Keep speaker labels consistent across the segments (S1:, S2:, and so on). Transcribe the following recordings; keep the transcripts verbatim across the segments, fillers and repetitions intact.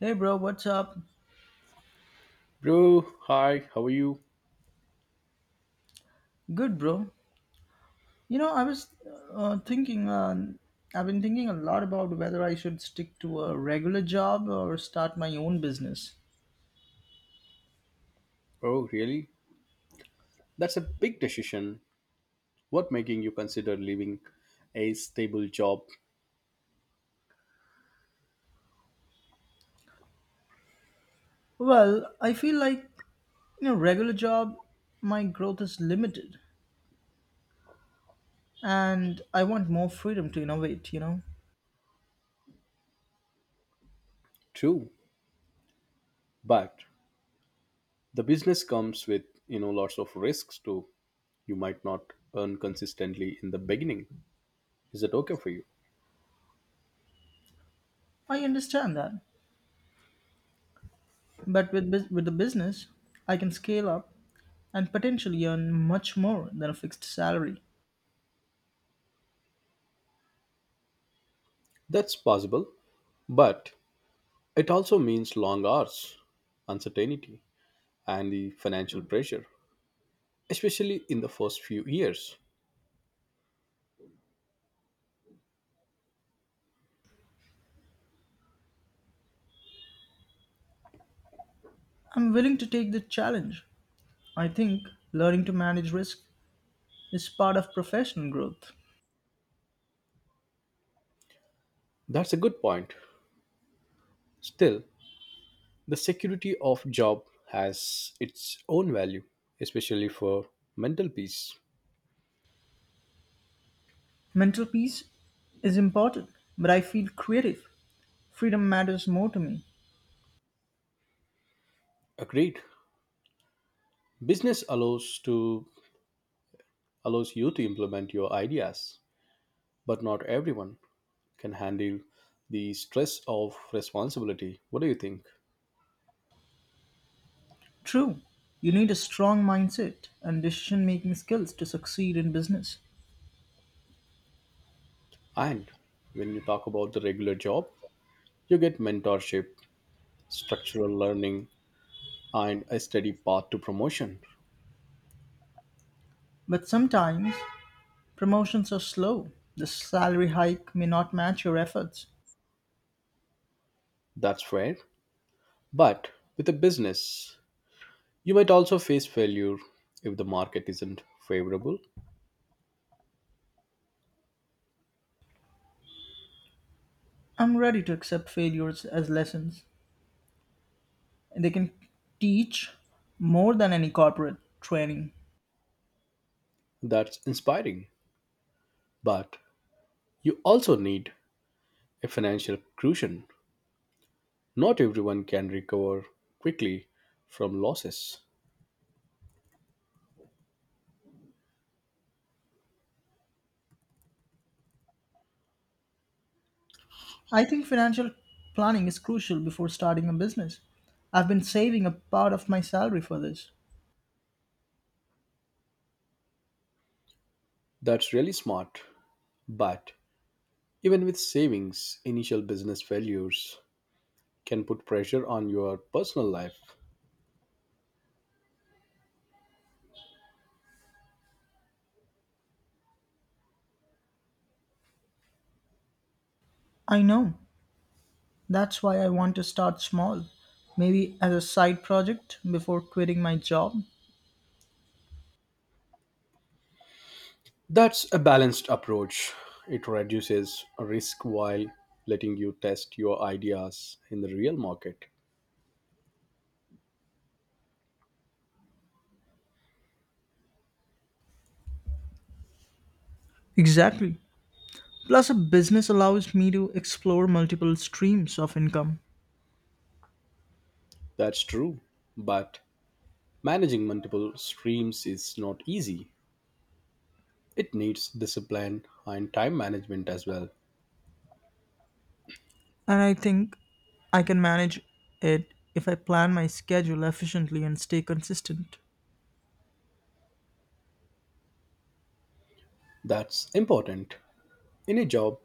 S1: Hey bro, what's up?
S2: Bro, hi, how are you?
S1: Good bro. You know, I was uh, thinking, uh, I've been thinking a lot about whether I should stick to a regular job or start my own business.
S2: Oh, really? That's a big decision. What making you consider leaving a stable job?
S1: Well, I feel like, you know, regular job, my growth is limited and I want more freedom to innovate, you know.
S2: True, but the business comes with, you know, lots of risks too. You might not earn consistently in the beginning. Is it okay for you?
S1: I understand that. But with bus- with the business, I can scale up and potentially earn much more than a fixed salary.
S2: That's possible, but it also means long hours, uncertainty, and the financial pressure, especially in the first few years.
S1: I'm willing to take the challenge. I think learning to manage risk is part of professional growth.
S2: That's a good point. Still, the security of job has its own value, especially for mental peace.
S1: Mental peace is important, but I feel creative. Freedom matters more to me.
S2: Agreed. Business allows to allows you to implement your ideas, but not everyone can handle the stress of responsibility. What do you think?
S1: True, you need a strong mindset and decision making skills to succeed in business.
S2: And when you talk about the regular job, you get mentorship, structural learning, and a steady path to promotion.
S1: But sometimes promotions are slow. The salary hike may not match your efforts.
S2: That's fair. But with a business, you might also face failure if the market isn't favorable.
S1: I'm ready to accept failures as lessons. And they can teach more than any corporate training.
S2: That's inspiring. But you also need a financial cushion. Not everyone can recover quickly from losses.
S1: I think financial planning is crucial before starting a business. I've been saving a part of my salary for this.
S2: That's really smart. But even with savings, initial business failures can put pressure on your personal life.
S1: I know. That's why I want to start small, maybe as a side project before quitting my job.
S2: That's a balanced approach. It reduces risk while letting you test your ideas in the real market.
S1: Exactly. Plus, a business allows me to explore multiple streams of income.
S2: That's true, but managing multiple streams is not easy. It needs discipline and time management as well.
S1: And I think I can manage it if I plan my schedule efficiently and stay consistent.
S2: That's important. In a job,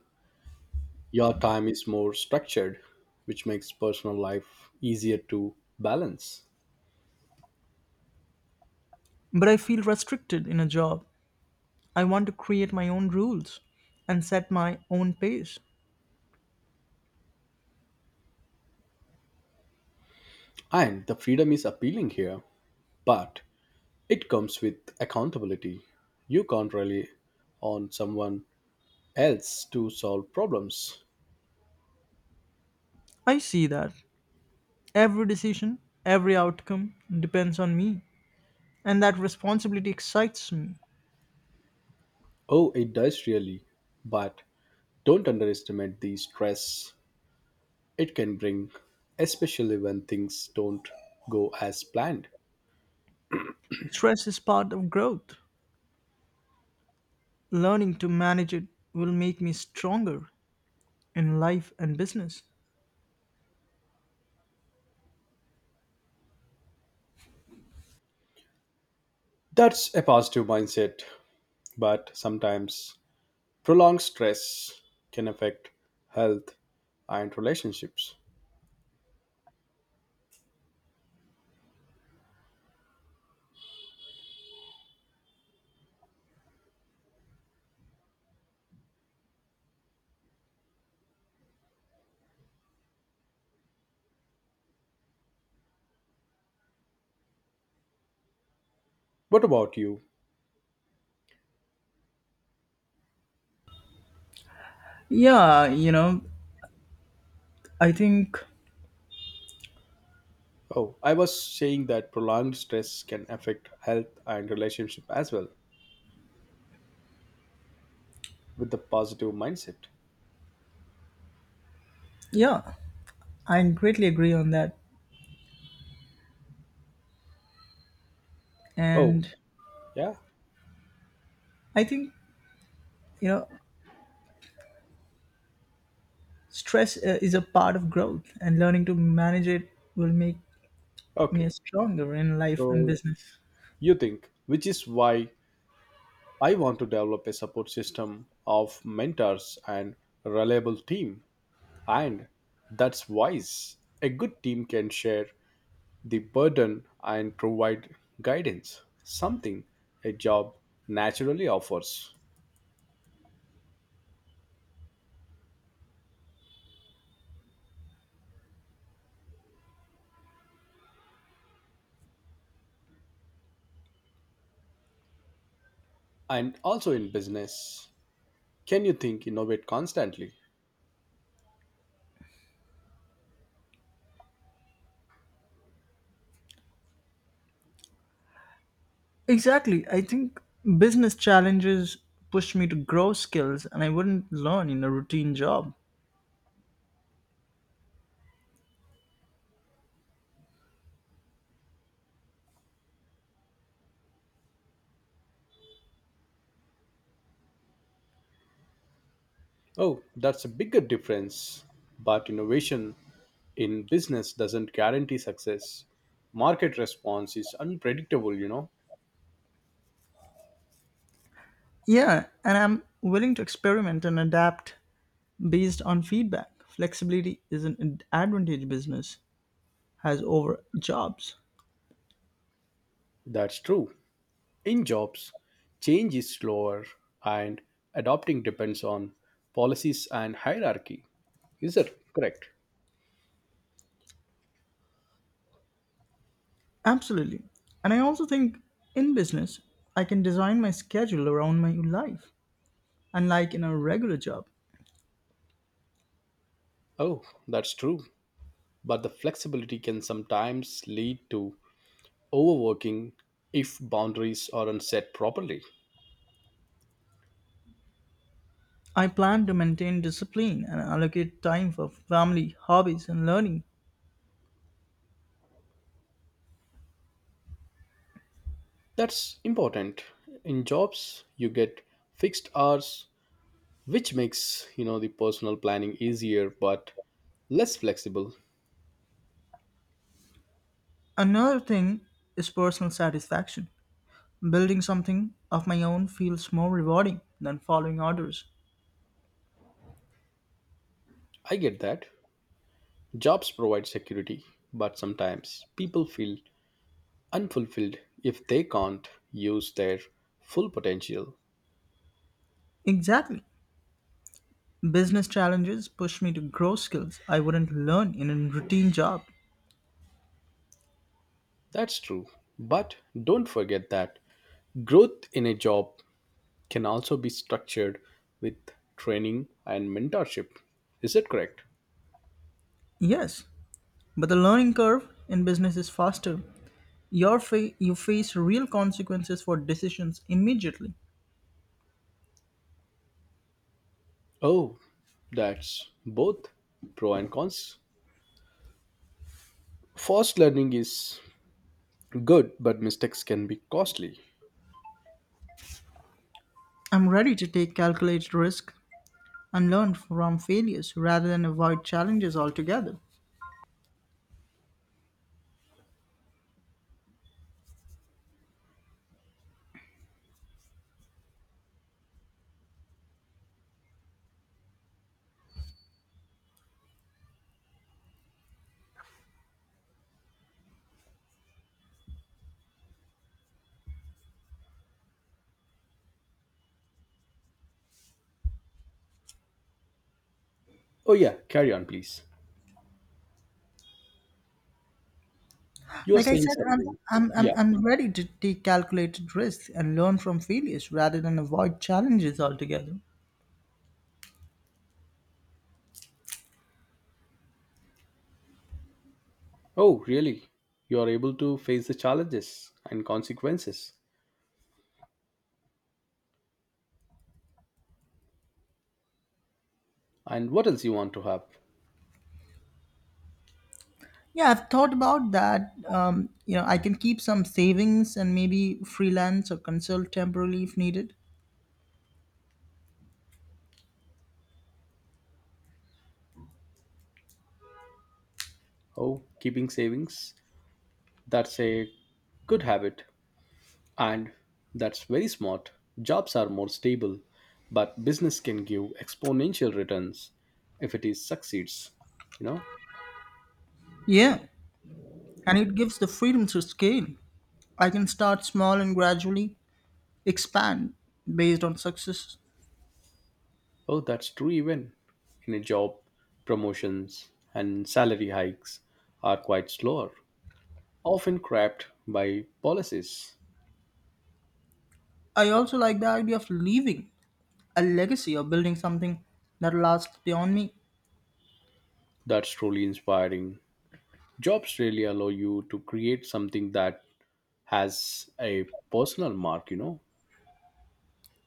S2: your time is more structured, which makes personal life easier to balance.
S1: But I feel restricted in a job. I want to create my own rules and set my own pace.
S2: And the freedom is appealing here, but it comes with accountability. You can't rely on someone else to solve problems.
S1: I see that every decision, every outcome depends on me, and that responsibility excites me.
S2: Oh, it does really, but don't underestimate the stress it can bring, especially when things don't go as planned.
S1: Stress is part of growth. Learning to manage it will make me stronger in life and business.
S2: That's a positive mindset, but sometimes prolonged stress can affect health and relationships. What about you?
S1: Yeah, you know, I think,
S2: Oh, I was saying that prolonged stress can affect health and relationship as well with the positive mindset.
S1: yeah, I greatly agree on that.
S2: Oh,
S1: And
S2: yeah.
S1: I think, you know, stress uh, is a part of growth, and learning to manage it will make me
S2: Okay.
S1: as stronger in life and
S2: So
S1: business.
S2: you think, which is why I want to develop a support system of mentors and reliable team. And that's wise. A good team can share the burden and provide guidance, something a job naturally offers. And also in business, can you think innovate constantly?
S1: Exactly. I think business challenges pushed me to grow skills and I wouldn't learn in a routine job.
S2: Oh, that's a bigger difference. But innovation in business doesn't guarantee success. Market response is unpredictable, you know.
S1: Yeah, and I'm willing to experiment and adapt based on feedback. Flexibility is an ad- advantage business has over jobs.
S2: That's true. In jobs, change is slower and adopting depends on policies and hierarchy. Is that correct?
S1: Absolutely. And I also think in business, I can design my schedule around my life, unlike in a regular job.
S2: Oh, that's true. But the flexibility can sometimes lead to overworking if boundaries aren't set properly.
S1: I plan to maintain discipline and allocate time for family, hobbies, and learning.
S2: That's important. In jobs, you get fixed hours, which makes you know the personal planning easier but less flexible.
S1: Another thing is personal satisfaction. Building something of my own feels more rewarding than following orders.
S2: I get that. Jobs provide security, but sometimes people feel unfulfilled if they can't use their full potential.
S1: Exactly. Business challenges push me to grow skills I wouldn't learn in a routine job.
S2: That's true. But don't forget that growth in a job can also be structured with training and mentorship. Is that correct?
S1: Yes, but the learning curve in business is faster. Your fa- you face real consequences for decisions immediately.
S2: Oh, that's both pro and cons. Fast learning is good, but mistakes can be costly.
S1: I'm ready to take calculated risk and learn from failures rather than avoid challenges altogether.
S2: Oh, yeah, carry on, please. You are
S1: Like I
S2: saying
S1: said, I'm,
S2: something.
S1: I'm,
S2: Yeah.
S1: I'm, I'm ready to take calculated risks and learn from failures rather than avoid challenges altogether.
S2: Oh, really? You are able to face the challenges and consequences. And what else you want to have?
S1: Yeah, I've thought about that. Um, you know, I can keep some savings and maybe freelance or consult temporarily if needed.
S2: Oh, keeping savings. That's a good habit. And that's very smart. Jobs are more stable, but business can give exponential returns if it is succeeds. You know?
S1: Yeah, and it gives the freedom to scale. I can start small and gradually expand based on success.
S2: Oh, that's true even in a job, promotions and salary hikes are quite slower, often cramped by policies.
S1: I also like the idea of leaving a legacy or building something that lasts beyond me.
S2: That's truly inspiring. Jobs really allow you to create something that has a personal mark, you know.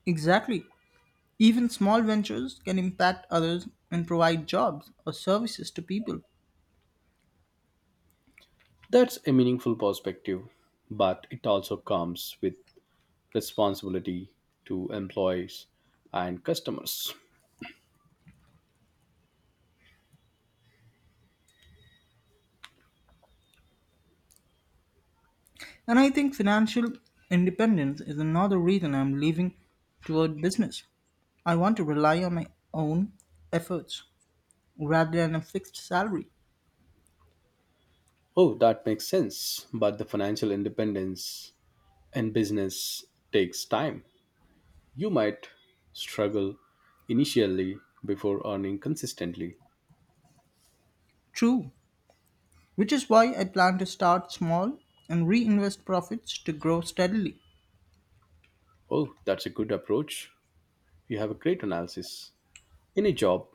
S1: Exactly. Even small ventures can impact others and provide jobs or services to people.
S2: That's a meaningful perspective, but it also comes with responsibility to employees and customers.
S1: And I think financial independence is another reason I'm leaving toward business. I want to rely on my own efforts rather than a fixed salary.
S2: Oh, that makes sense, but the financial independence in business takes time. You might struggle initially before earning consistently.
S1: True, which is why I plan to start small and reinvest profits to grow steadily.
S2: Oh, that's a good approach. You have a great analysis. In a job,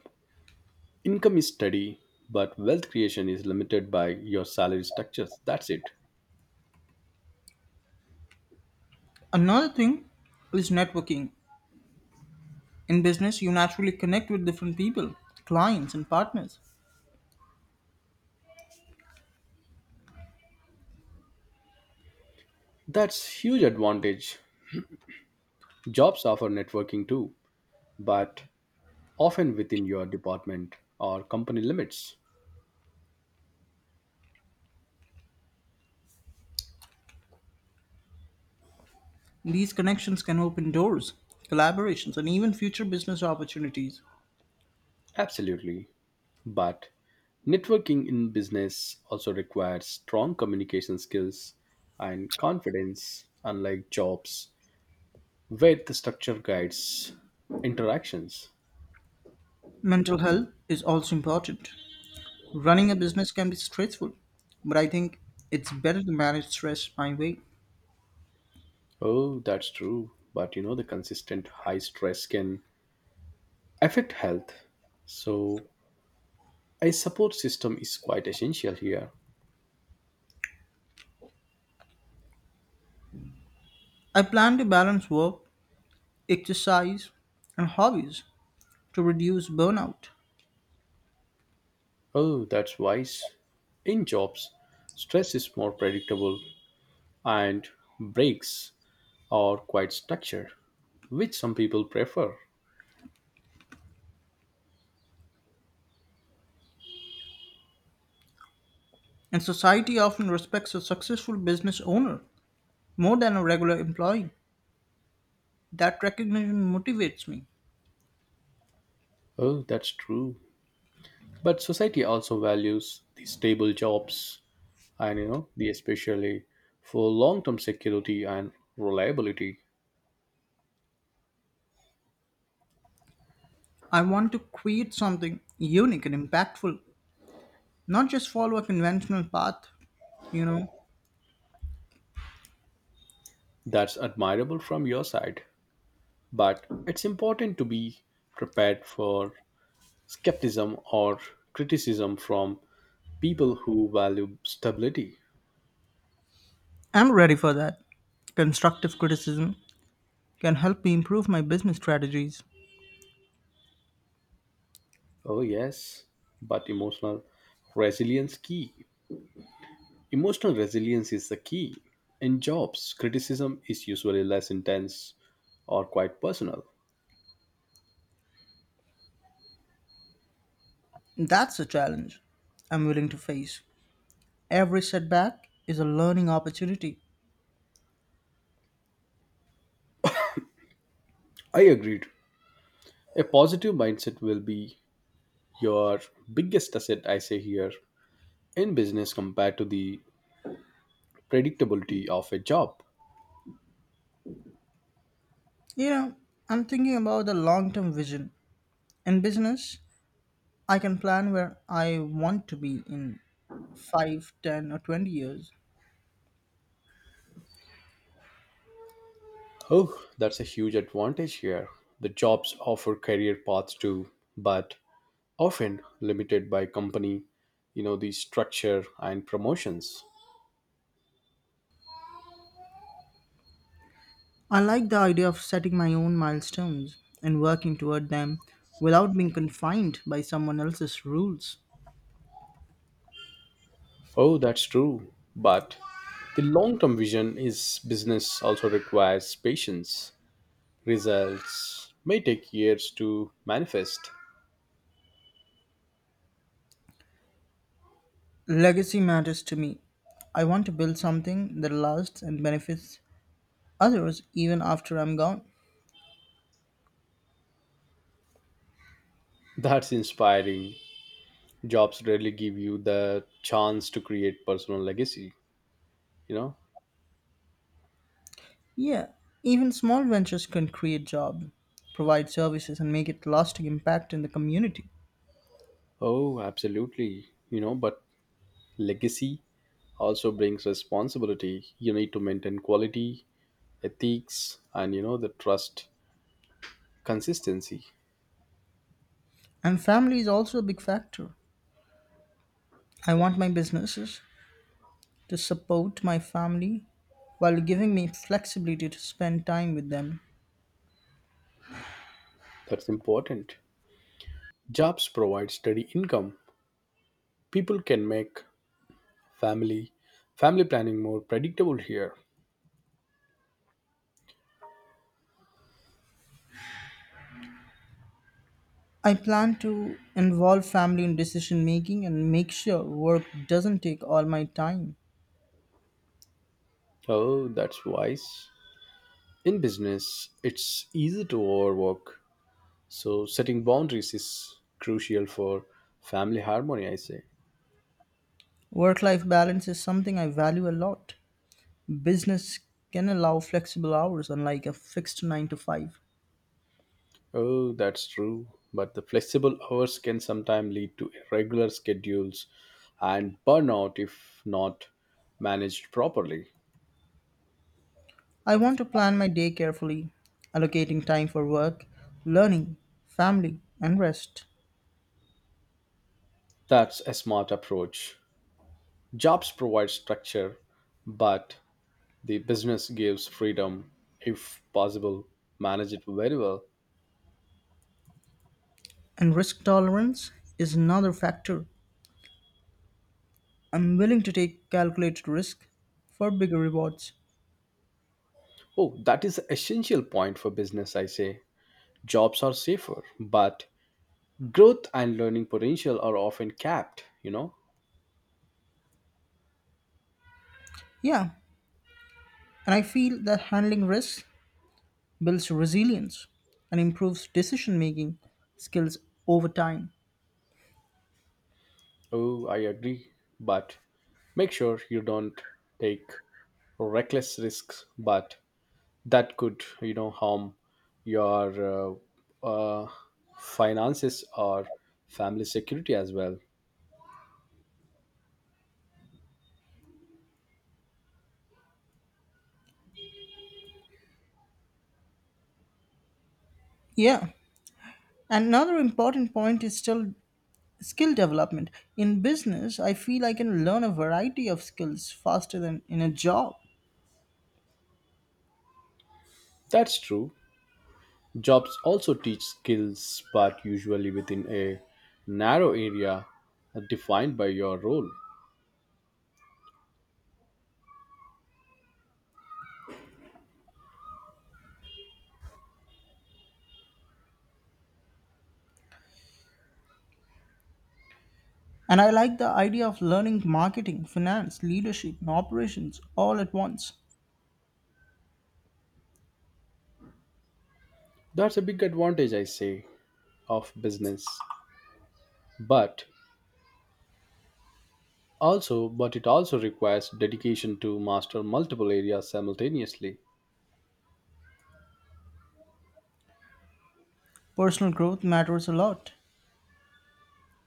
S2: income is steady, but wealth creation is limited by your salary structures. That's it.
S1: Another thing is networking. In business, you naturally connect with different people, clients, and partners.
S2: That's huge advantage. Jobs offer networking too, but often within your department or company limits.
S1: These connections can open doors, collaborations, and even future business opportunities.
S2: Absolutely. But networking in business also requires strong communication skills and confidence, unlike jobs where the structure guides interactions.
S1: Mental health is also important. Running a business can be stressful, but I think it's better to manage stress my way.
S2: Oh, that's true. But you know, the consistent high stress can affect health. So a support system is quite essential here.
S1: I plan to balance work, exercise, and hobbies to reduce burnout.
S2: Oh, that's wise. In jobs, stress is more predictable and breaks are quite structured, which some people prefer.
S1: And society often respects a successful business owner more than a regular employee. That recognition motivates me.
S2: Oh, that's true. But society also values the stable jobs and you know, the especially for long-term security and reliability.
S1: I want to create something unique and impactful, not just follow a conventional path. You know,
S2: That's admirable from your side, but it's important to be prepared for skepticism or criticism from people who value stability.
S1: I'm ready for that. Constructive criticism can help me improve my business strategies.
S2: Oh, yes, but emotional resilience key. Emotional resilience is the key. In jobs, criticism is usually less intense or quite personal.
S1: That's a challenge I'm willing to face. Every setback is a learning opportunity.
S2: I agreed. A positive mindset will be your biggest asset, I say here, in business compared to the predictability of a job.
S1: You know, I'm thinking about the long term vision. In business, I can plan where I want to be in five, ten, or twenty years.
S2: Oh, that's a huge advantage here. The jobs offer career paths too, but often limited by company, you know, the structure and promotions.
S1: I like the idea of setting my own milestones and working toward them without being confined by someone else's rules.
S2: Oh, that's true. But the long term vision is business also requires patience. Results may take years to manifest.
S1: Legacy matters to me. I want to build something that lasts and benefits others even after I'm gone.
S2: That's inspiring. Jobs rarely give you the chance to create personal legacy, you know?
S1: Yeah, even small ventures can create jobs, provide services, and make a lasting impact in the community.
S2: Oh, absolutely. You know, but legacy also brings responsibility you need to maintain quality ethics and you know the trust consistency.
S1: And family is also a big factor. I want my businesses to support my family while giving me flexibility to spend time with them.
S2: That's important. Jobs provide steady income. People can make family family planning more predictable here.
S1: I plan to involve family in decision making and make sure work doesn't take all my time.
S2: Oh, that's wise. In business it's easy to overwork, so setting boundaries is crucial for family harmony, I say.
S1: Work life balance is something I value a lot. Business can allow flexible hours, unlike a fixed nine to five.
S2: Oh, that's true. But the flexible hours can sometimes lead to irregular schedules and burnout if not managed properly.
S1: I want to plan my day carefully, allocating time for work, learning, family, and rest.
S2: That's a smart approach. Jobs provide structure, but the business gives freedom. If possible, manage it very well.
S1: And risk tolerance is another factor. I'm willing to take calculated risk for bigger rewards.
S2: Oh, that is essential point for business, I say. Jobs are safer, but growth and learning potential are often capped, you know?
S1: Yeah, and I feel that handling risks builds resilience, and improves decision making skills over time.
S2: Oh, I agree. But make sure you don't take reckless risks but that could you know harm your uh, uh, finances or family security as well.
S1: Yeah. Another important point is still skill development. In business, I feel I can learn a variety of skills faster than in a job.
S2: That's true. Jobs also teach skills but usually within a narrow area defined by your role.
S1: And I like the idea of learning marketing, finance, leadership, and operations all at once.
S2: That's a big advantage, I say, of business. But also but it also requires dedication to master multiple areas simultaneously.
S1: Personal growth matters a lot.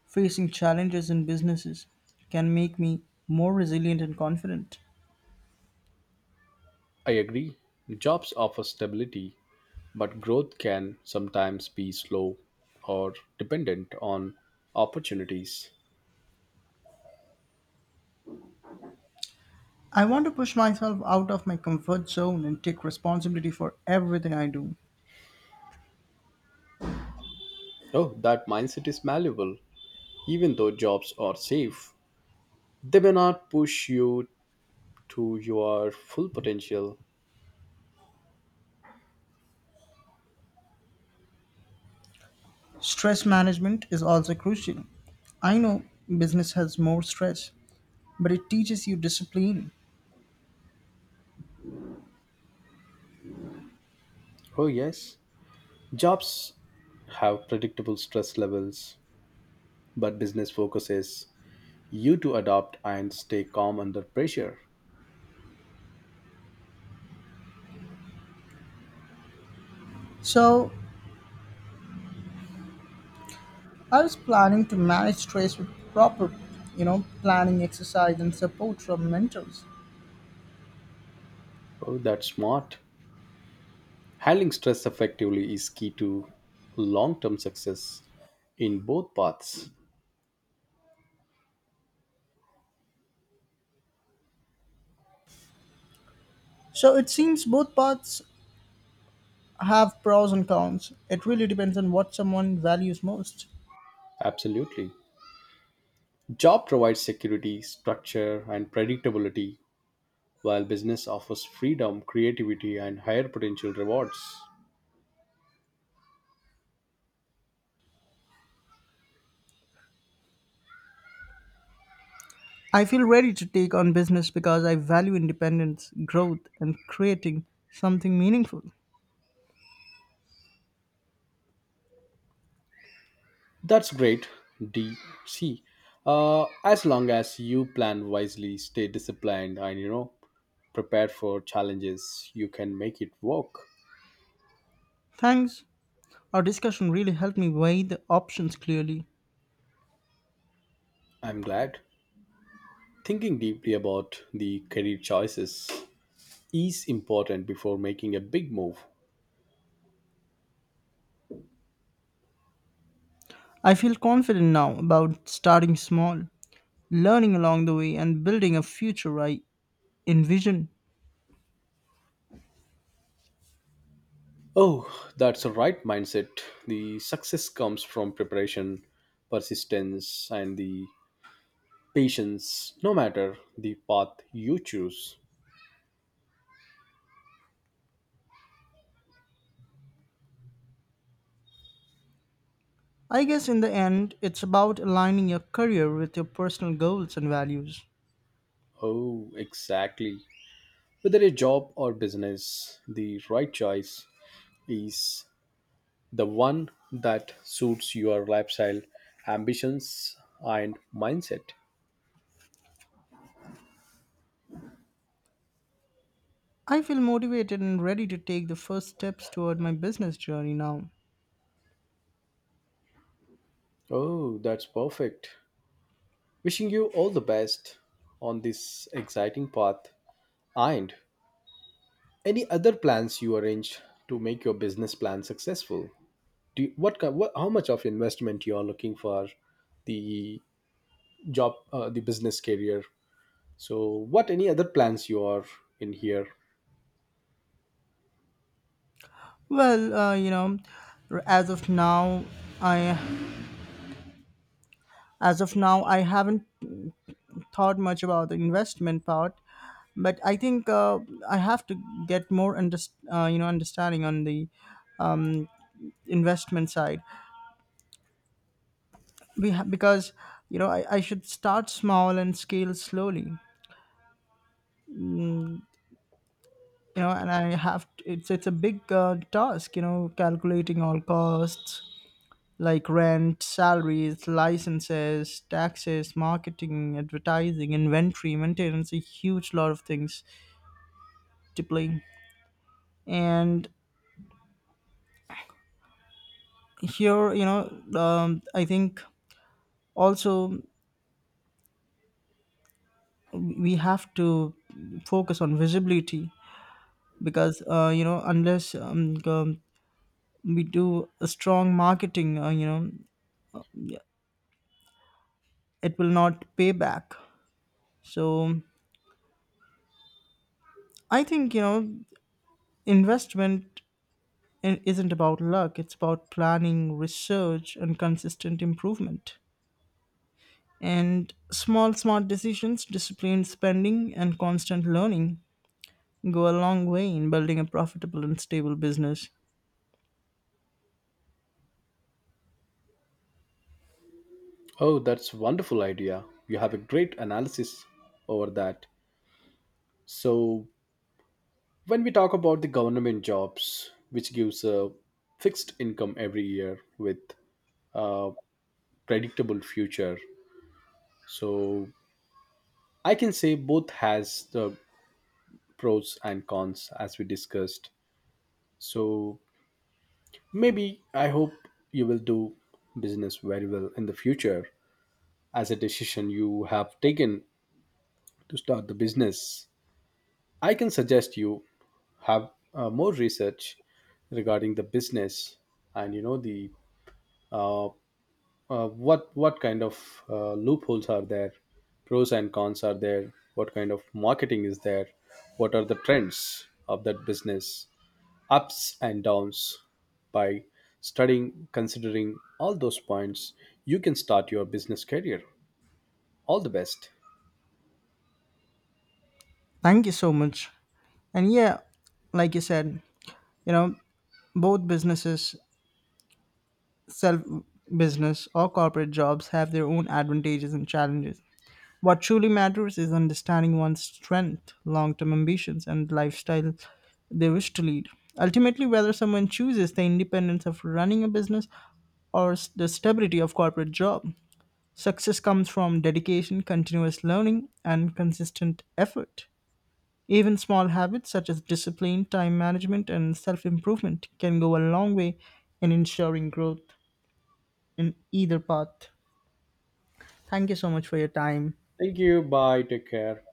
S1: Facing challenges in businesses can make me more resilient and confident.
S2: I agree. Jobs offer stability, but growth can sometimes be slow or dependent on opportunities.
S1: I want to push myself out of my comfort zone and take responsibility for everything I do.
S2: Oh, that mindset is malleable. Even though jobs are safe, they may not push you to your full potential.
S1: Stress management is also crucial. I know business has more stress, but it teaches you discipline.
S2: Oh, yes. Jobs have predictable stress levels, but business focuses you to adapt and stay calm under pressure.
S1: So I was planning to manage stress with proper, you know, planning, exercise, and support from mentors.
S2: Oh, that's smart. Handling stress effectively is key to long term success in both paths.
S1: So it seems both paths have pros and cons. It really depends on what someone values most.
S2: Absolutely. Job provides security, structure, and predictability, while business offers freedom, creativity, and higher potential rewards.
S1: I feel ready to take on business because I value independence, growth, and creating something meaningful.
S2: That's great, D C. Uh, as long as you plan wisely, stay disciplined, and you know, prepare for challenges, you can make it work.
S1: Thanks. Our discussion really helped me weigh the options clearly.
S2: I'm glad. Thinking deeply about the career choices is important before making a big move.
S1: I feel confident now about starting small, learning along the way, and building a future I envision.
S2: Oh, that's the right mindset. The success comes from preparation, persistence, and the patience, no matter the path you choose.
S1: I guess in the end, it's about aligning your career with your personal goals and values.
S2: Oh, exactly. Whether a job or business, the right choice is the one that suits your lifestyle, ambitions, and mindset.
S1: I feel motivated and ready to take the first steps toward my business journey now.
S2: Oh, that's perfect. Wishing you all the best on this exciting path and any other plans you arrange to make your business plan successful. Do you, what, ki- what how much of investment you are looking for the job uh, the business career. So what any other plans you are in here?
S1: Well, uh, you know, r- as of now, I as of now I haven't thought much about the investment part, but I think uh, I have to get more under, uh, you know, understanding on the investment side. We ha- because you know I, I should start small and scale slowly. You know, and I have t it's it's a big uh, task. You know, calculating all costs, like rent, salaries, licenses, taxes, marketing, advertising, inventory, maintenance, a huge lot of things to play. And here, you know, um, I think also we have to focus on visibility because, uh, you know, unless um, um, we do a strong marketing, uh, you know, it will not pay back. So I think, you know, investment it isn't about luck, it's about planning, research, and consistent improvement. And small, smart decisions, disciplined spending, and constant learning go a long way in building a profitable and stable business.
S2: Oh, that's wonderful idea. You have a great analysis over that. So when we talk about the government jobs, which gives a fixed income every year with uh, predictable future, so I can say both has the pros and cons as we discussed. So maybe I hope you will do business very well in the future. As a decision you have taken to start the business, I can suggest you have uh, more research regarding the business and you know the uh, uh, what what kind of uh, loopholes are there, pros and cons are there, what kind of marketing is there, what are the trends of that business, ups and downs. By studying considering all those points, you can start your business career. All the best.
S1: Thank you so much. And yeah, like you said, you know, both businesses self business or corporate jobs have their own advantages and challenges. What truly matters is understanding one's strength, long term ambitions, and lifestyle they wish to lead. Ultimately, whether someone chooses the independence of running a business or s- the stability of corporate job, success comes from dedication, continuous learning, and consistent effort. Even small habits such as discipline, time management, and self improvement can go a long way in ensuring growth in either path. Thank you so much for your time.
S2: Thank you. Bye. Take care.